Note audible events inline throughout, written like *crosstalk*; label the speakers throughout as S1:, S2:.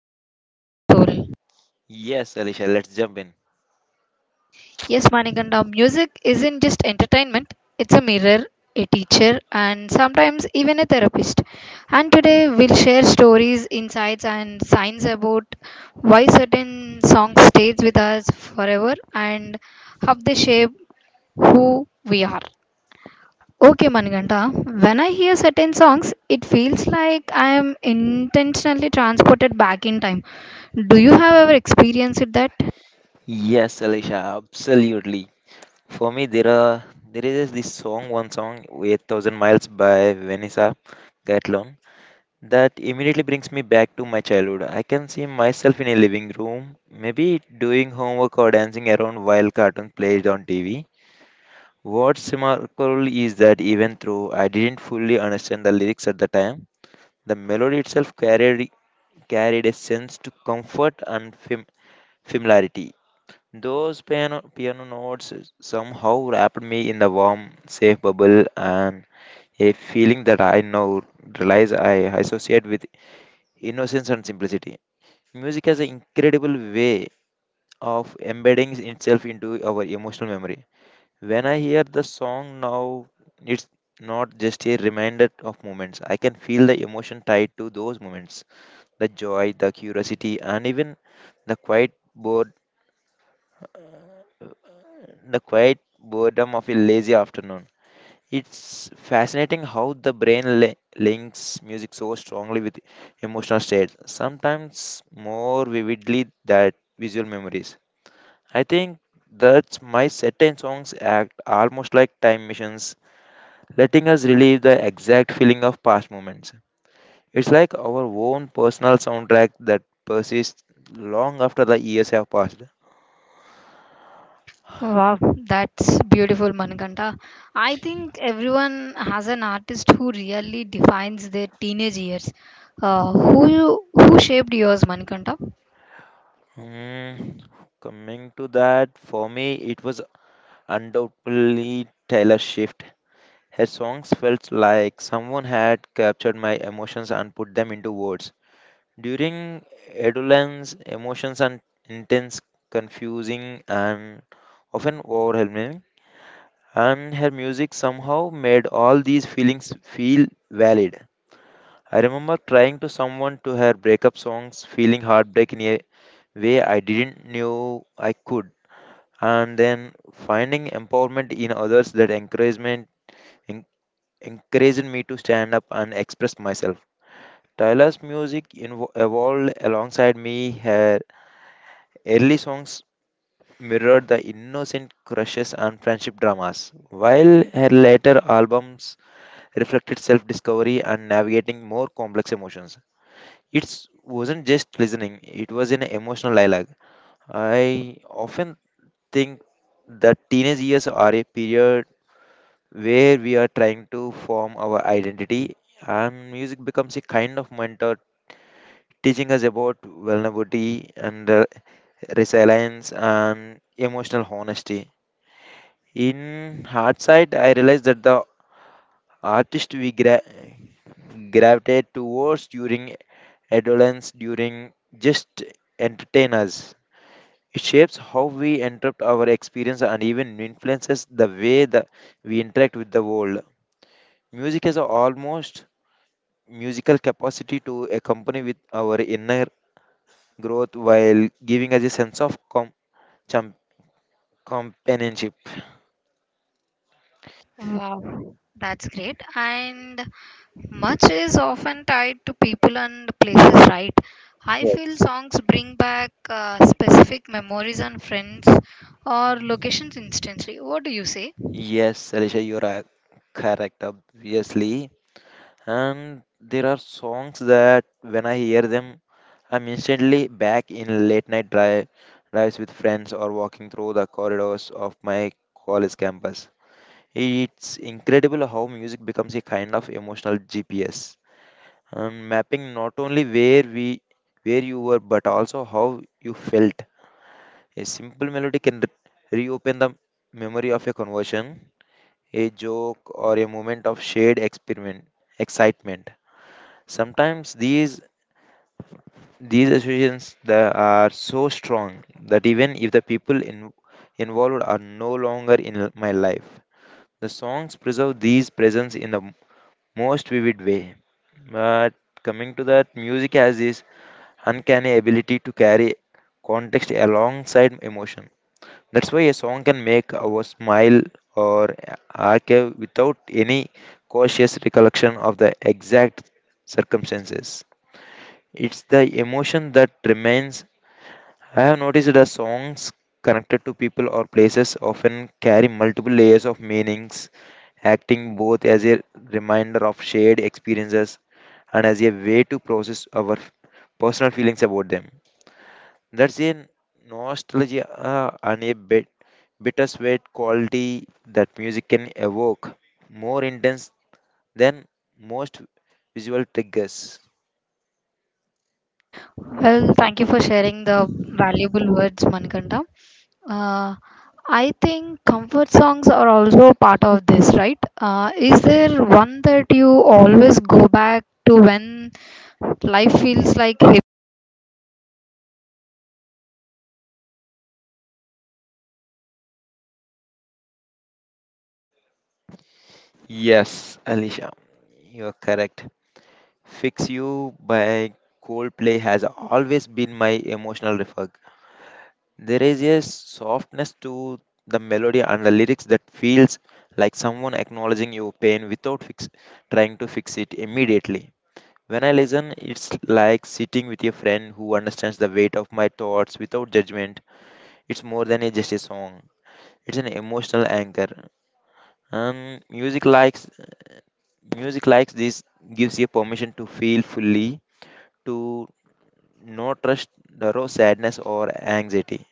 S1: speak to your soul.
S2: Yes, Alicia, let's jump in.
S1: Yes, Manikanda, music isn't just entertainment, it's a mirror, a teacher, and sometimes even a therapist. And today we'll share stories, insights, and signs about why certain songs stays with us forever and how they shape who we are. Okay, Manikanda, when I hear certain songs, it feels like I am intentionally transported back in time. Do you have ever experienced that?
S2: Yes, Alicia, absolutely. For me, there is this song, one song, 8,000 Miles by Vanessa Gatlon, that immediately brings me back to my childhood. I can see myself in a living room, maybe doing homework or dancing around while cartoon played on TV. What's remarkable is that even though I didn't fully understand the lyrics at the time, the melody itself carried a sense to comfort and familiarity. Those piano notes somehow wrapped me in the warm, safe bubble, and a feeling that I now realize I associate with innocence and simplicity. Music has an incredible way of embedding itself into our emotional memory. When I hear the song now, it's not just a reminder of moments. I can feel the emotion tied to those moments: the joy, the curiosity, and even the quiet bored the quiet boredom of a lazy afternoon. It's fascinating how the brain links music so strongly with emotional states, sometimes more vividly than visual memories. I think that's my certain songs act almost like time machines, letting us relive the exact feeling of past moments. It's like our own personal soundtrack that persists long after the years have passed.
S1: Wow, that's beautiful, Manikanta. I think everyone has an artist who really defines their teenage years. Who shaped yours, Manikanta?
S2: Hmm, Coming to that, for me, it was undoubtedly Taylor Swift. Her songs felt like someone had captured my emotions and put them into words. During adolescence, emotions are intense, confusing, and often overwhelming, and her music somehow made all these feelings feel valid. I remember crying to someone to her breakup songs, feeling heartbreak in a way I didn't know I could, and then finding empowerment in others that encouragement en- encouraged me to stand up and express myself. Tyler's music evolved alongside me. Her early songs mirrored the innocent crushes and friendship dramas, while her later albums reflected self-discovery and navigating more complex emotions. It wasn't just listening; it was an emotional dialogue. I often think that teenage years are a period where we are trying to form our identity, and music becomes a kind of mentor, teaching us about vulnerability and resilience and emotional honesty. In hindsight, I realized that the artist we gravitate towards during adolescence, during just entertain us. It shapes how we interpret our experience and even influences the way that we interact with the world. Music has almost musical capacity to accompany with our inner growth while giving us a sense of cham- companionship.
S1: Wow, that's great. And much is often tied to people and places, right? I feel
S2: Yes,
S1: songs bring back specific memories and friends or locations instantly. What do you say?
S2: Yes, Alisha, you are correct, obviously. And there are songs that when I hear them, I'm instantly back in late night drives with friends or walking through the corridors of my college campus. It's incredible how music becomes a kind of emotional GPS, and mapping not only where we where you were but also how you felt. A simple melody can reopen the memory of a conversion, a joke, or a moment of shared experiment excitement. Sometimes these associations that are so strong that even if the people involved are no longer in my life, the songs preserve these presence in the most vivid way. But coming to that, music has this uncanny ability to carry context alongside emotion. That's why a song can make our smile or archive without any cautious recollection of the exact circumstances. It's the emotion that remains. I have noticed that songs connected to people or places often carry multiple layers of meanings, acting both as a reminder of shared experiences and as a way to process our personal feelings about them. That's a nostalgia and a bit bittersweet quality that music can evoke, more intense than most visual triggers.
S1: Well, thank you for sharing the valuable words, Manikanta. Uh, I think comfort songs are also part of this, right? Is there one that you always go back to when life feels like heavy?
S2: Yes, Alicia, you're correct. Fix You by Coldplay has always been my emotional refuge. There is a softness to the melody and the lyrics that feels like someone acknowledging your pain without trying to fix it immediately. When I listen, it's like sitting with a friend who understands the weight of my thoughts without judgment. It's more than a just a song. It's an emotional anchor. Um, music likes music likes this gives you permission to feel fully, to not trust the raw sadness or anxiety.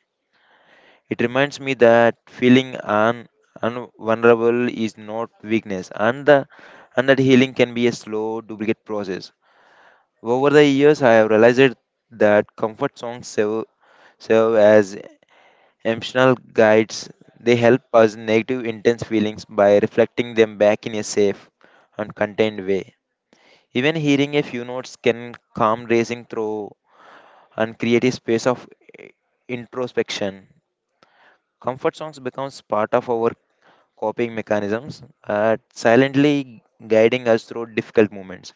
S2: It reminds me that feeling un, un vulnerable is not weakness, and that healing can be a slow, duplicate process. Over the years, I have realized that comfort songs serve as emotional guides. They help us negative intense feelings by reflecting them back in a safe and contained way. Even hearing a few notes can calm racing through and create a space of eh, introspection. Comfort songs becomes part of our coping mechanisms, silently guiding us through difficult moments,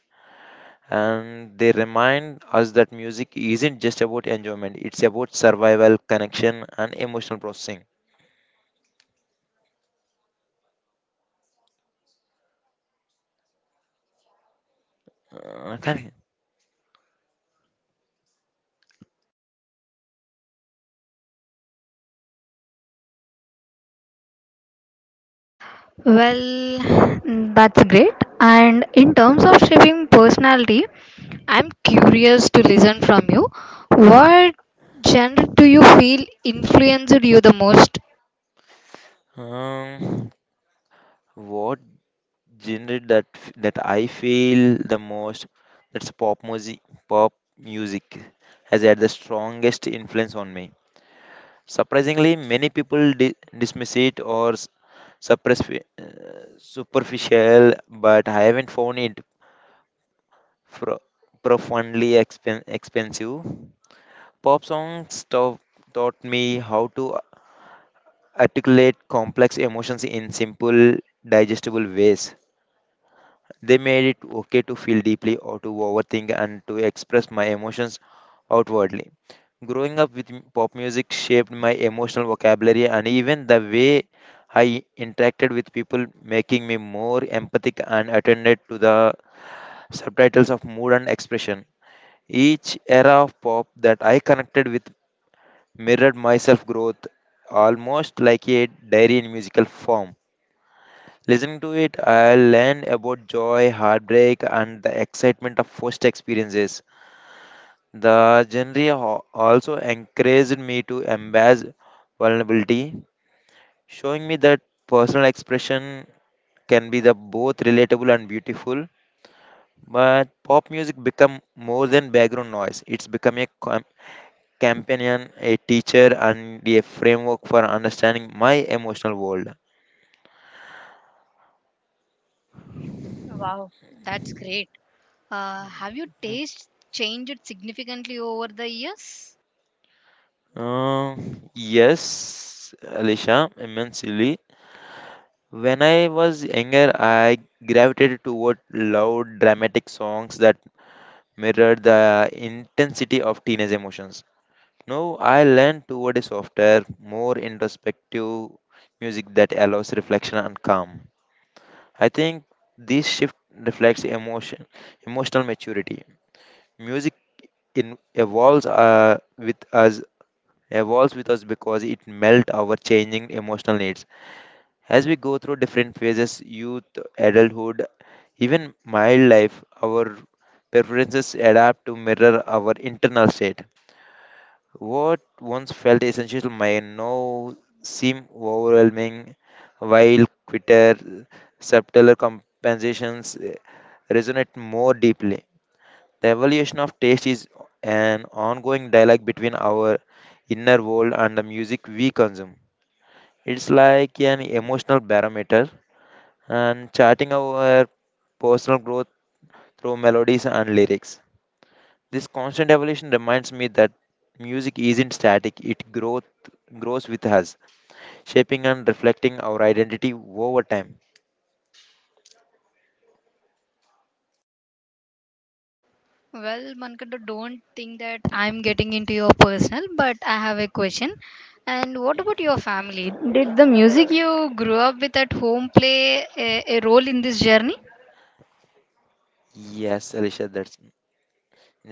S2: and they remind us that music isn't just about enjoyment, it's about survival, connection and emotional processing. uh, can-
S1: Well, that's great. And in terms of shaping personality, I'm curious to listen from you. What genre do you feel influenced you the most?
S2: um, what genre that I feel the most? That's pop music. Pop music has had the strongest influence on me. Surprisingly, many people dismiss it or superficial, but I haven't found it fro- profoundly expen- expensive. Pop songs taught me how to articulate complex emotions in simple, digestible ways. They made it okay to feel deeply or to overthink and to express my emotions outwardly. Growing up with pop music shaped my emotional vocabulary and even the way I interacted with people, making me more empathic and attended to the subtitles of mood and expression. Each era of pop that I connected with mirrored myself growth, almost like a diary in musical form. Listening to it, I learned about joy, heartbreak, and the excitement of first experiences. The genre also encouraged me to embrace vulnerability, showing me that personal expression can be the both relatable and beautiful. But pop music become more than background noise. It's become a companion, a teacher, and a framework for understanding my emotional world.
S1: Wow, that's great. Have your taste changed significantly over the years?
S2: Yes, Alicia, immensely. When I was younger, I gravitated toward loud, dramatic songs that mirrored the intensity of teenage emotions. Now I lean toward a softer, more introspective music that allows reflection and calm. I think this shift reflects emotional maturity. Music in evolves with us evolves with us because it melts our changing emotional needs as we go through different phases: youth, adulthood, even mild life. Our preferences adapt to mirror our internal state. What once felt essential may now seem overwhelming, while quitter subtler compensations resonate more deeply. The evolution of taste is an ongoing dialogue between our inner world and the music we consume. It's like an emotional barometer and charting our personal growth through melodies and lyrics. This constant evolution reminds me that music isn't static, it grows with us, shaping and reflecting our identity over time.
S1: Well, Mankata, don't think that I'm getting into your personal, but I have a question. And what about your family? Did the music you grew up with at home play a role in this journey?
S2: Yes, Alicia, that's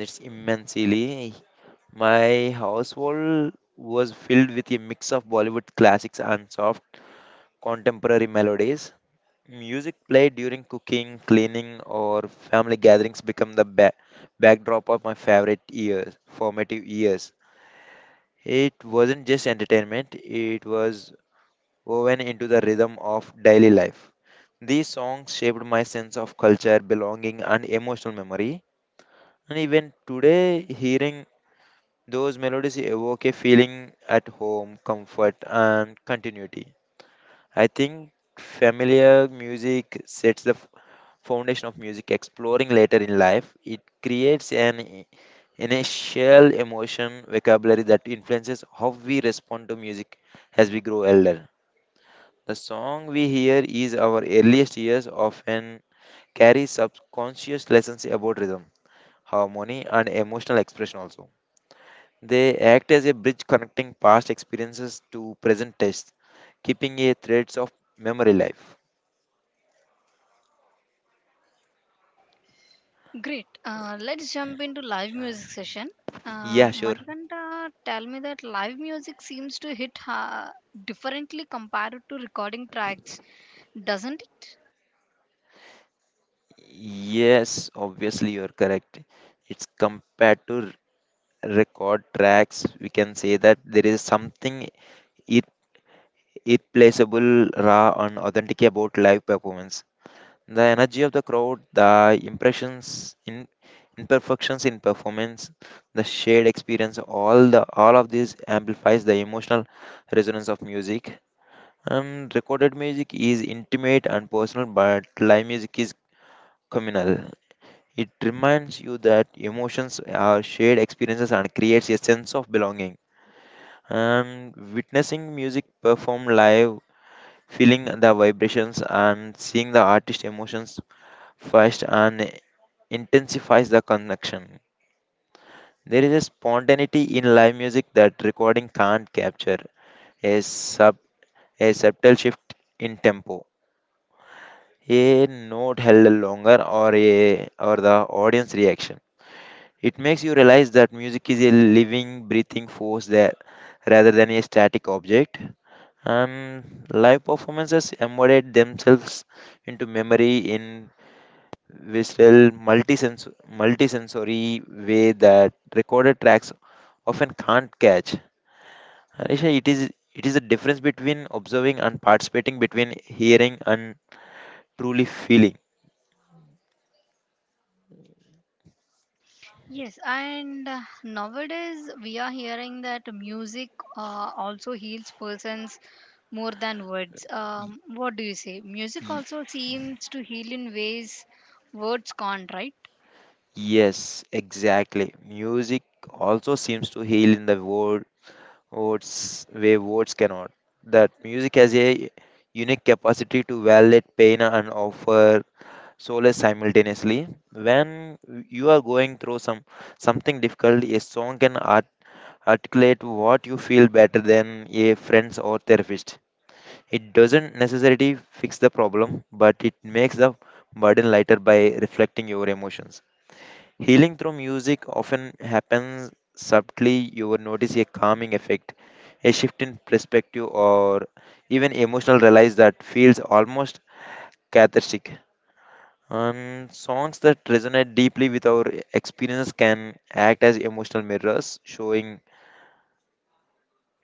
S2: it's immensely. My household was filled with a mix of Bollywood classics and soft contemporary melodies. Music played during cooking, cleaning, or family gatherings became the ba- backdrop of my favorite years, formative years. It wasn't just entertainment, it was woven into the rhythm of daily life. These songs shaped my sense of culture, belonging, and emotional memory. And even today, hearing those melodies evoke a feeling at home, comfort, and continuity. I think familiar music sets the foundation of music exploring later in life. It creates an initial emotion vocabulary that influences how we respond to music as we grow older. The song we hear is our earliest years often carries subconscious lessons about rhythm, harmony, and emotional expression also. They act as a bridge connecting past experiences to present tastes, keeping a threads of memory alive.
S1: Great. Let's jump into live music session.
S2: Yeah, sure.
S1: Manikanta, tell me that live music seems to hit differently compared to recording tracks, doesn't it?
S2: Yes, obviously you're correct. It's compared to record tracks, we can say that there is something ir- irreplaceable, raw, and authentic about live performance. The energy of the crowd, the impressions in imperfections in performance, the shared experience, all of this amplifies the emotional resonance of music. And recorded music is intimate and personal, but live music is communal. It reminds you that emotions are shared experiences and creates a sense of belonging. And witnessing music performed live, feeling the vibrations and seeing the artist emotions first and intensifies the connection. There is a spontaneity in live music that recording can't capture, a, sub, a subtle shift in tempo, a note held longer, or the audience reaction. It makes you realize that music is a living, breathing force there rather than a static object. And live performances embodied themselves into memory in which tell multisens- multisensory way that recorded tracks often can't catch. Harisha, it is a difference between observing and participating, between hearing and truly feeling.
S1: Yes, and nowadays we are hearing that music also heals persons more than words.
S2: Y-
S1: What do you say? Music
S2: y-
S1: also seems to heal in ways words can't, right?
S2: yes, exactly. Music also seems to heal in the words way words cannot. That music has a unique capacity to validate pain and offer solo simultaneously. When you are going through something difficult, a song can articulate what you feel better than a friends or therapist. It doesn't necessarily fix the problem, but it makes the burden lighter by reflecting your emotions. Healing through music often happens subtly. You will notice a calming effect, a shift in perspective, or even emotional release that feels almost cathartic. Songs that resonate deeply with our experience can act as emotional mirrors, showing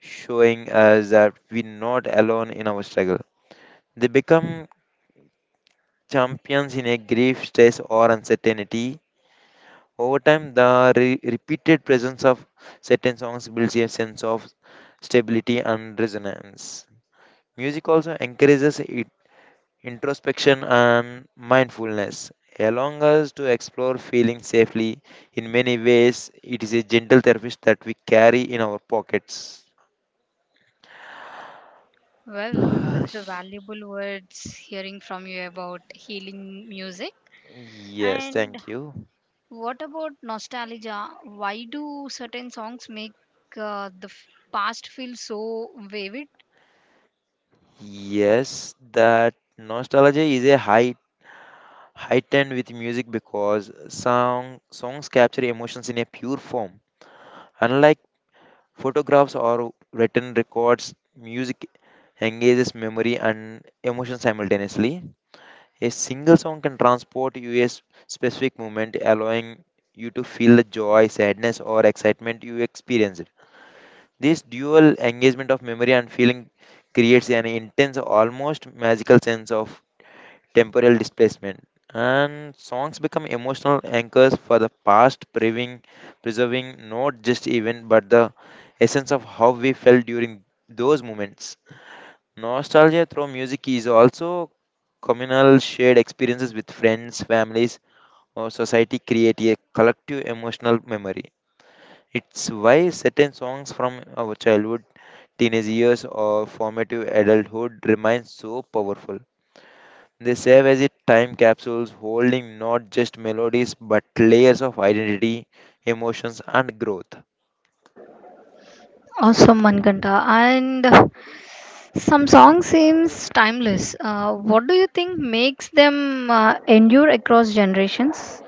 S2: showing us that we're not alone in our struggle. They become champions in a grief, stress, or uncertainty. Over time, the repeated presence of certain songs builds a sense of stability and resonance. Music also encourages us introspection, and mindfulness, allowing us to explore feeling safely. In many ways, it is a gentle therapist that we carry in our pockets.
S1: Well, that's a
S2: *sighs*
S1: valuable words hearing from you about healing music.
S2: Yes,
S1: And
S2: thank you.
S1: what about nostalgia? Why do certain songs make the past feel so vivid?
S2: Yes, that nostalgia is a high heightened with music, because songs capture emotions in a pure form. Unlike photographs or written records, music engages memory and emotion simultaneously. A single song can transport you a specific moment, allowing you to feel the joy, sadness, or excitement you experienced. This dual engagement of memory and feeling creates an intense, almost magical sense of temporal displacement. And songs become emotional anchors for the past, preserving not just event but the essence of how we felt during those moments. Nostalgia through music is also communal. Shared experiences with friends, families, or society create a collective emotional memory. It's why certain songs from our childhood, teenage years, or formative adulthood remain so powerful. They serve as a time capsules holding not just melodies but layers of identity, emotions, and growth.
S1: Awesome, Mankanta. And some songs seems timeless. What do you think makes them endure across generations?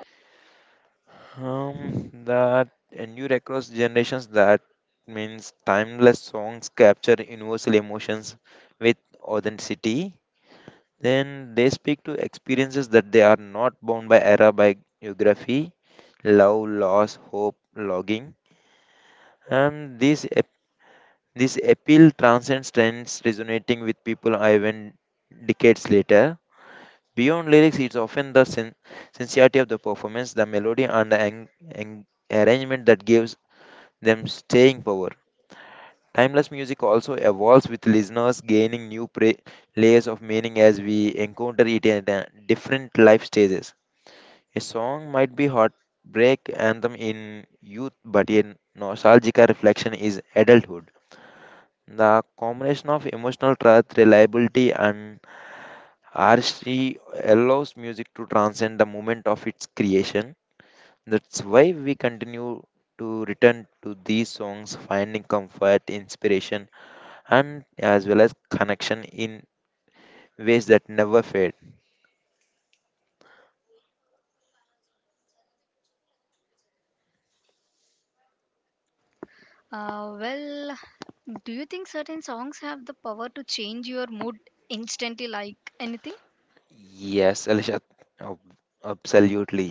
S2: That endure across generations, that means timeless songs capture universal emotions with authenticity. Then they speak to experiences that they are not bound by era, by geography, love, loss, hope, logging. And this appeal transcends trends, resonating with people even decades later. Beyond lyrics, it's often the sincerity of the performance, the melody, and the ang- arrangement that gives them staying power. Timeless music also evolves with listeners gaining new layers of meaning as we encounter it at different life stages. A song might be heartbreak anthem in youth, but a nostalgic reflection is adulthood. The combination of emotional truth, reliability, and artistry allows music to transcend the moment of its creation. That's why we continue to return to these songs, finding comfort, inspiration, and as well as connection in ways that never fade.
S1: Well, do you think certain songs have the power to change your mood instantly, like anything?
S2: Yes, Alisha, ab- absolutely.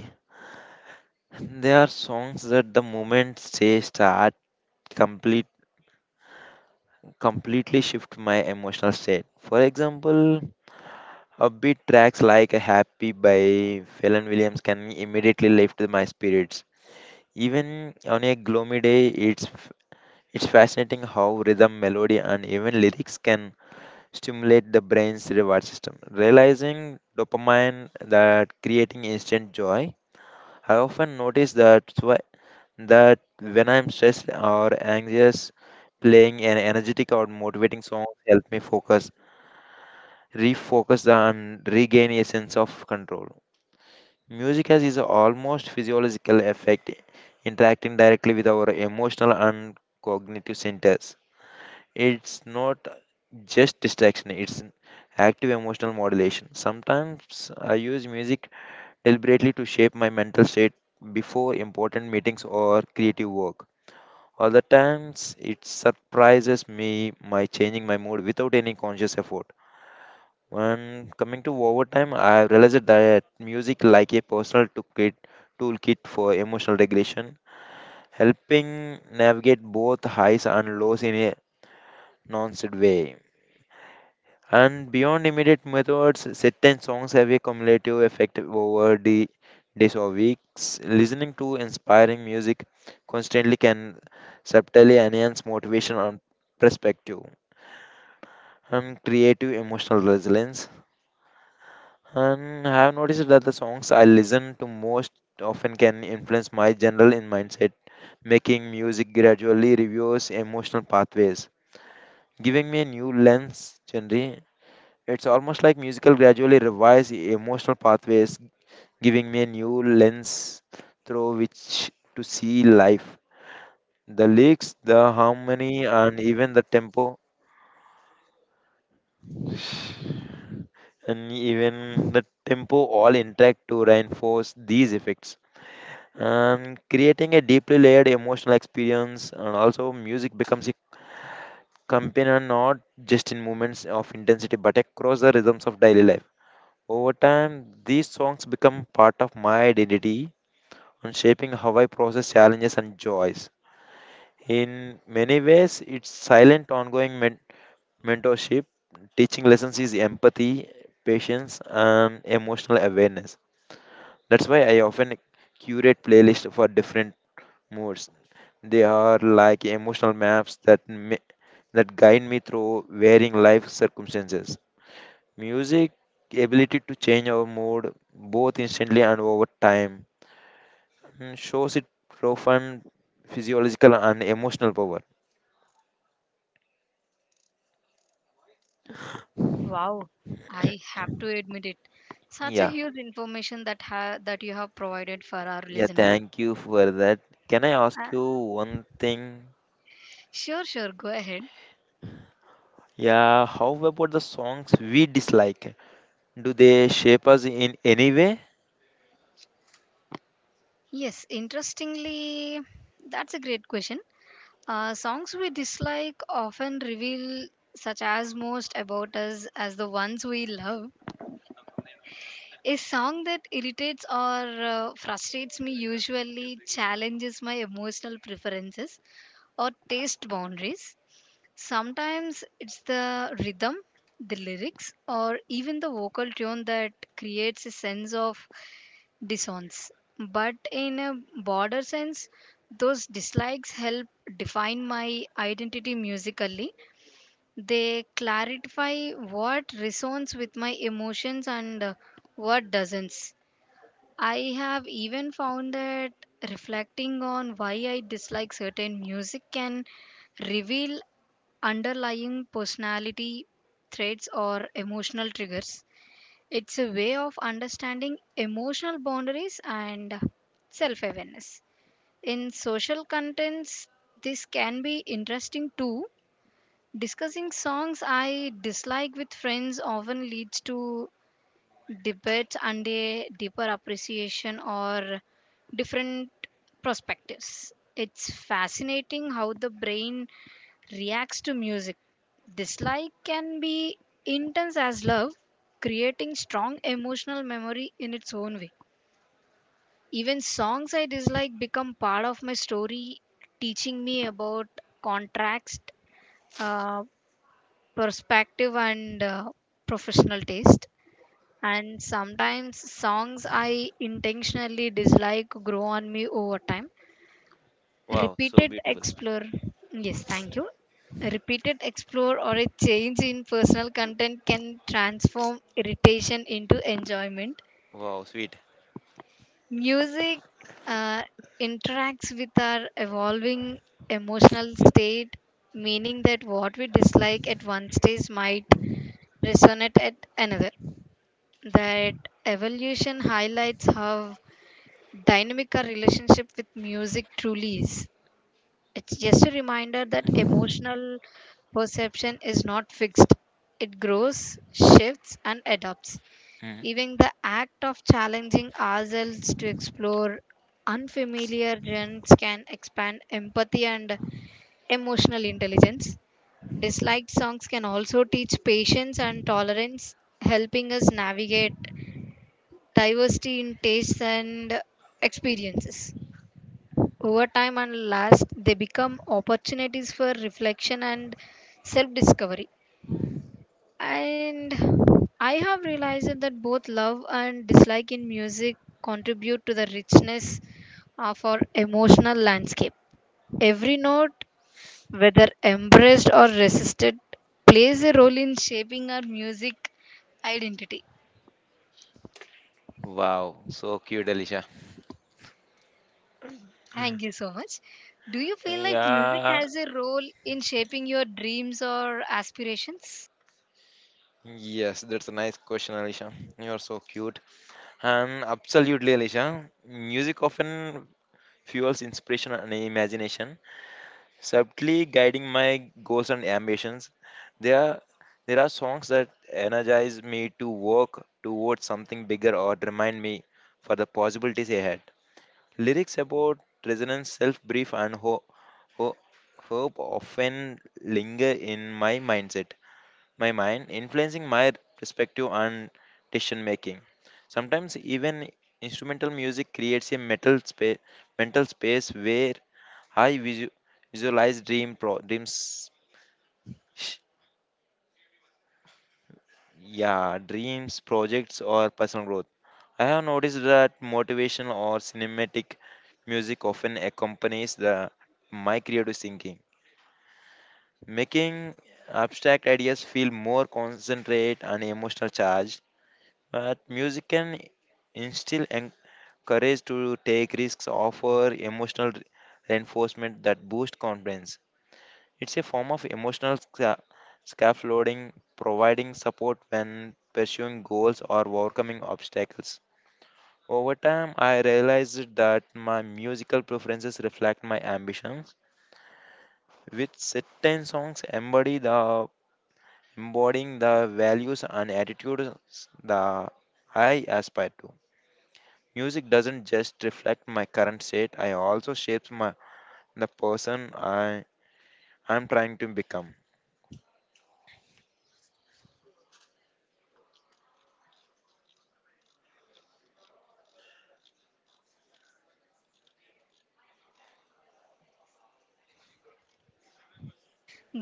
S2: There are songs that the moment they start complete completely shift my emotional state. For example, upbeat tracks like Happy by Phelan Williams can immediately lift my spirits. Even on a gloomy day, it's it's fascinating how rhythm, melody, and even lyrics can stimulate the brain's reward system, realizing dopamine that creating instant joy. I often notice that that when I'm stressed or anxious, playing an energetic or motivating song help me focus, refocus, and regain a sense of control. Music has is almost physiological effect, interacting directly with our emotional and cognitive centers. It's not just distraction, it's an active emotional modulation. Sometimes I use music deliberately to shape my mental state before important meetings or creative work. Other times it surprises me by changing my mood without any conscious effort. When coming to overtime, I realized that music, like a personal toolkit, for emotional regulation, helping navigate both highs and lows in a non-said way. And beyond immediate methods, certain songs have a cumulative effect over the days or weeks. Listening to inspiring music constantly can subtly enhance motivation and perspective and creative emotional resilience. And I have noticed that the songs I listen to most often can influence my general in mindset, making music gradually reveals emotional pathways, giving me a new lens genre. It's almost like musical gradually revise emotional pathways, giving me a new lens through which to see life. The lyrics, the harmony, and even the tempo all interact to reinforce these effects. And creating a deeply layered emotional experience, and also music becomes a companion not just in moments of intensity but across the rhythms of daily life. Over time, these songs become part of my identity and shaping how I process challenges and joys. In many ways, it's silent ongoing mentorship. Teaching lessons is empathy, patience, and emotional awareness. That's why I often curate playlists for different moods. They are like emotional maps that that guide me through varying life circumstances. Music ability to change our mood both instantly and over time shows it profound physiological and emotional power.
S1: Wow, I have to admit it. Such a
S2: Yeah,
S1: huge information that that you have provided for our
S2: yeah,
S1: listeners.
S2: thank you for that. Can I ask you
S1: Uh,
S2: one thing?
S1: sure, sure. Go ahead.
S2: Yeah, how about the songs we dislike? Do they shape us in any way?
S1: Yes, interestingly, that's a great question. Songs we dislike often reveal such as most about us as the ones we love. A song that irritates or frustrates me usually challenges my emotional preferences or taste boundaries. Sometimes it's the rhythm, the lyrics, or even the vocal tone that creates a sense of dissonance. But in a broader sense, those dislikes help define my identity musically. They clarify what resonates with my emotions and what doesn't. I have even found that reflecting on why I dislike certain music can reveal underlying personality traits or emotional triggers. It's a way of understanding emotional boundaries and self awareness. In social contents, this can be interesting too. Discussing songs I dislike with friends often leads to debates and a deeper appreciation or different perspectives. It's fascinating how the brain reacts to music. Dislike can be intense as love, creating strong emotional memory in its own way. Even songs I dislike become part of my story, teaching me about contrast, uh, perspective, and professional taste. And sometimes songs I intentionally dislike grow on me over time
S2: Wow, so
S1: repeated
S2: beautiful.
S1: explore yes thank you. A repeated explore or a change in personal content can transform irritation into enjoyment
S2: Wow, sweet.
S1: music uh, interacts with our evolving emotional state meaning that what we dislike at one stage might resonate at another that evolution highlights how dynamic our relationship with music truly is. It's just a reminder that emotional perception is not fixed. It grows, shifts, and adapts.
S2: Mhm.
S1: Even the act of challenging ourselves to explore unfamiliar genres can expand empathy and emotional intelligence. Disliked songs can also teach patience and tolerance, helping us navigate diversity in tastes and experiences. Over time and last, they become opportunities for reflection and self discovery. And I have realized that both love and dislike in music contribute to the richness of our emotional landscape. Every note, whether embraced or resisted, plays a role in shaping our music identity.
S2: Wow, so cute, Alicia.
S1: Thank you so much. Do you feel like music
S2: Yeah,
S1: has a role in shaping your dreams or aspirations?
S2: yes, that's a nice question, Alicia. You're so cute. And absolutely, Alicia, music often fuels inspiration and imagination, subtly guiding my goals and ambitions. There are, there are songs that energize me to work towards something bigger or remind me for the possibilities ahead. Lyrics about resonance, self brief, and ho- hope often linger in my my mind, influencing my perspective and decision making. Sometimes, even instrumental music creates a mental space where I visualize dreams, sh- yeah, dreams, projects, or personal growth. I have noticed that motivational or cinematic music often accompanies the my creative thinking, making abstract ideas feel more concentrate and emotional charged. But music can instill courage to take risks, offer emotional reinforcement that boost confidence. It's a form of emotional scaffolding, providing support when pursuing goals or overcoming obstacles. Over time, I realized that my musical preferences reflect my ambitions, with certain songs embodying the values and attitudes that I aspire to. Music doesn't just reflect my current state; I also shapes my the person I am trying to become.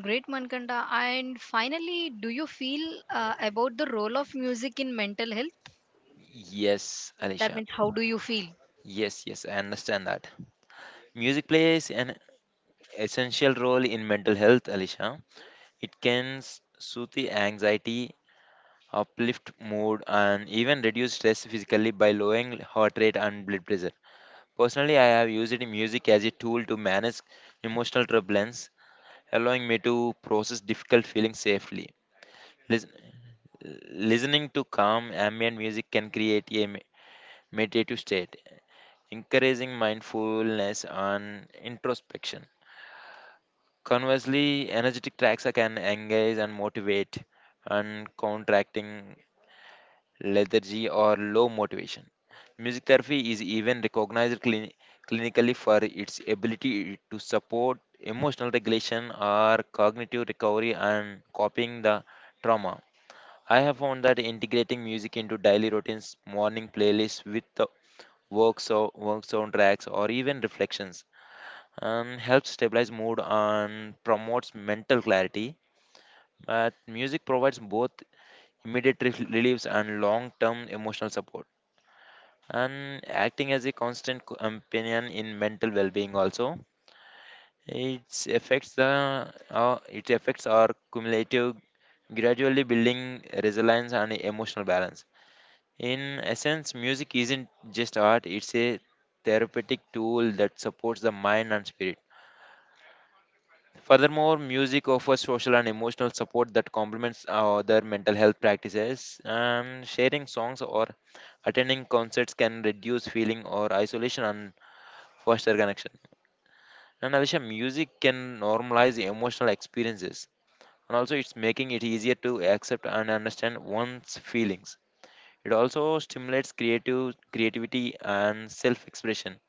S1: Great Mankanda. And finally, do you feel about the role of music in mental health?
S2: Yes,
S1: That
S2: Alisha.
S1: means, how do you feel?
S2: Yes, yes, I understand that. Music plays an essential role in mental health, Alisha. It can soothe the anxiety, uplift mood, and even reduce stress physically by lowering heart rate and blood pressure. Personally, I have used music as a tool to manage emotional turbulence, allowing me to process difficult feelings safely. Lis- Listening to calm ambient music can create a meditative state, encouraging mindfulness and introspection. Conversely, energetic tracks can engage and motivate, and contracting lethargy or low motivation. Music therapy is even recognized clinically for its ability to support emotional regulation or cognitive recovery and copying the trauma. I have found that integrating music into daily routines, morning playlists with the work, work soundtracks, or even reflections helps stabilize mood and promotes mental clarity. But music provides both immediate reliefs and long term emotional support, and acting as a constant companion in mental well being also. It affects the it affects our cumulative, gradually building resilience and emotional balance. In essence, music isn't just art; it's a therapeutic tool that supports the mind and spirit. Furthermore, music offers social and emotional support that complements other mental health practices. Sharing songs or attending concerts can reduce feeling or isolation and foster connection. And Alicia, music can normalize emotional experiences, and also it's making it easier to accept and understand one's feelings. It also stimulates creative creativity and self-expression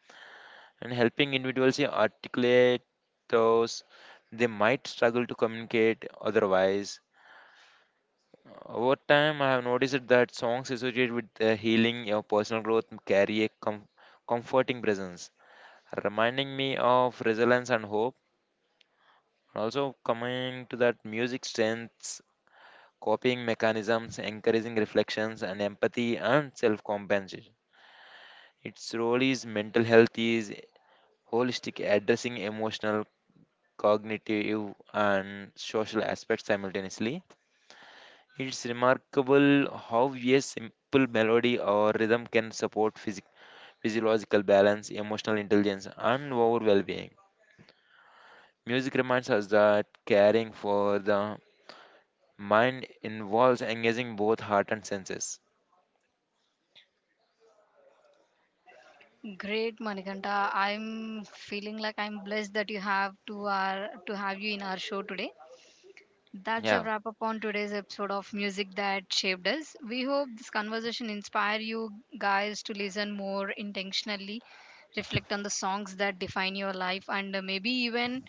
S2: and helping individuals yeah, articulate those they might struggle to communicate otherwise. Over time, I have noticed that songs associated with the healing or personal growth carry a comforting presence, reminding me of resilience and hope. And also, coming to that music strengths, coping mechanisms, encouraging reflections, and empathy and self compensation. Its role is mental health is holistic, addressing emotional cognitive, and social aspects simultaneously. It's remarkable how a simple melody or rhythm can support physiological balance, emotional intelligence, and overall well being. Music reminds us that caring for the mind involves engaging both heart and senses.
S1: Great Manikanta. I'm feeling like I'm blessed that you have to our to have you in our show today. That's a
S2: Yeah,
S1: wrap up on today's episode of Music That Shaped Us. We hope this conversation inspire you guys to listen more intentionally, reflect on the songs that define your life, and maybe even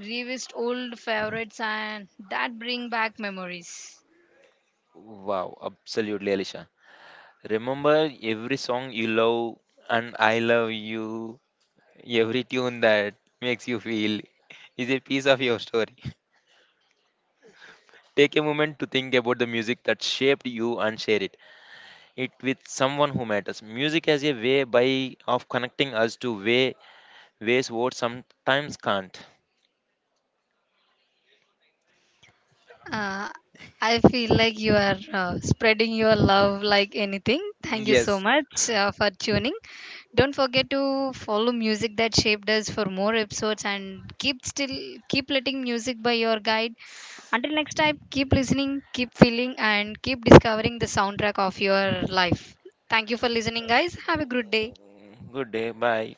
S1: revisit old favorites and that bring back memories.
S2: wow, absolutely, Alicia. Remember every song you love, and I love you, every tune that makes you feel is a piece of your story. Take a moment to think about the music that shaped you and share it with someone who matters. Music as a way by of connecting us to ways words sometimes can't.
S1: Uh, I feel like you are spreading your love like anything. Thank you so
S2: Yes.
S1: much for tuning. Don't forget to follow music that shaped us for more episodes and keep still keep letting music by your guide. Until next time, keep listening, keep feeling and keep discovering the soundtrack of your life. Thank you for listening guys. Have a good day.
S2: Good day. Bye.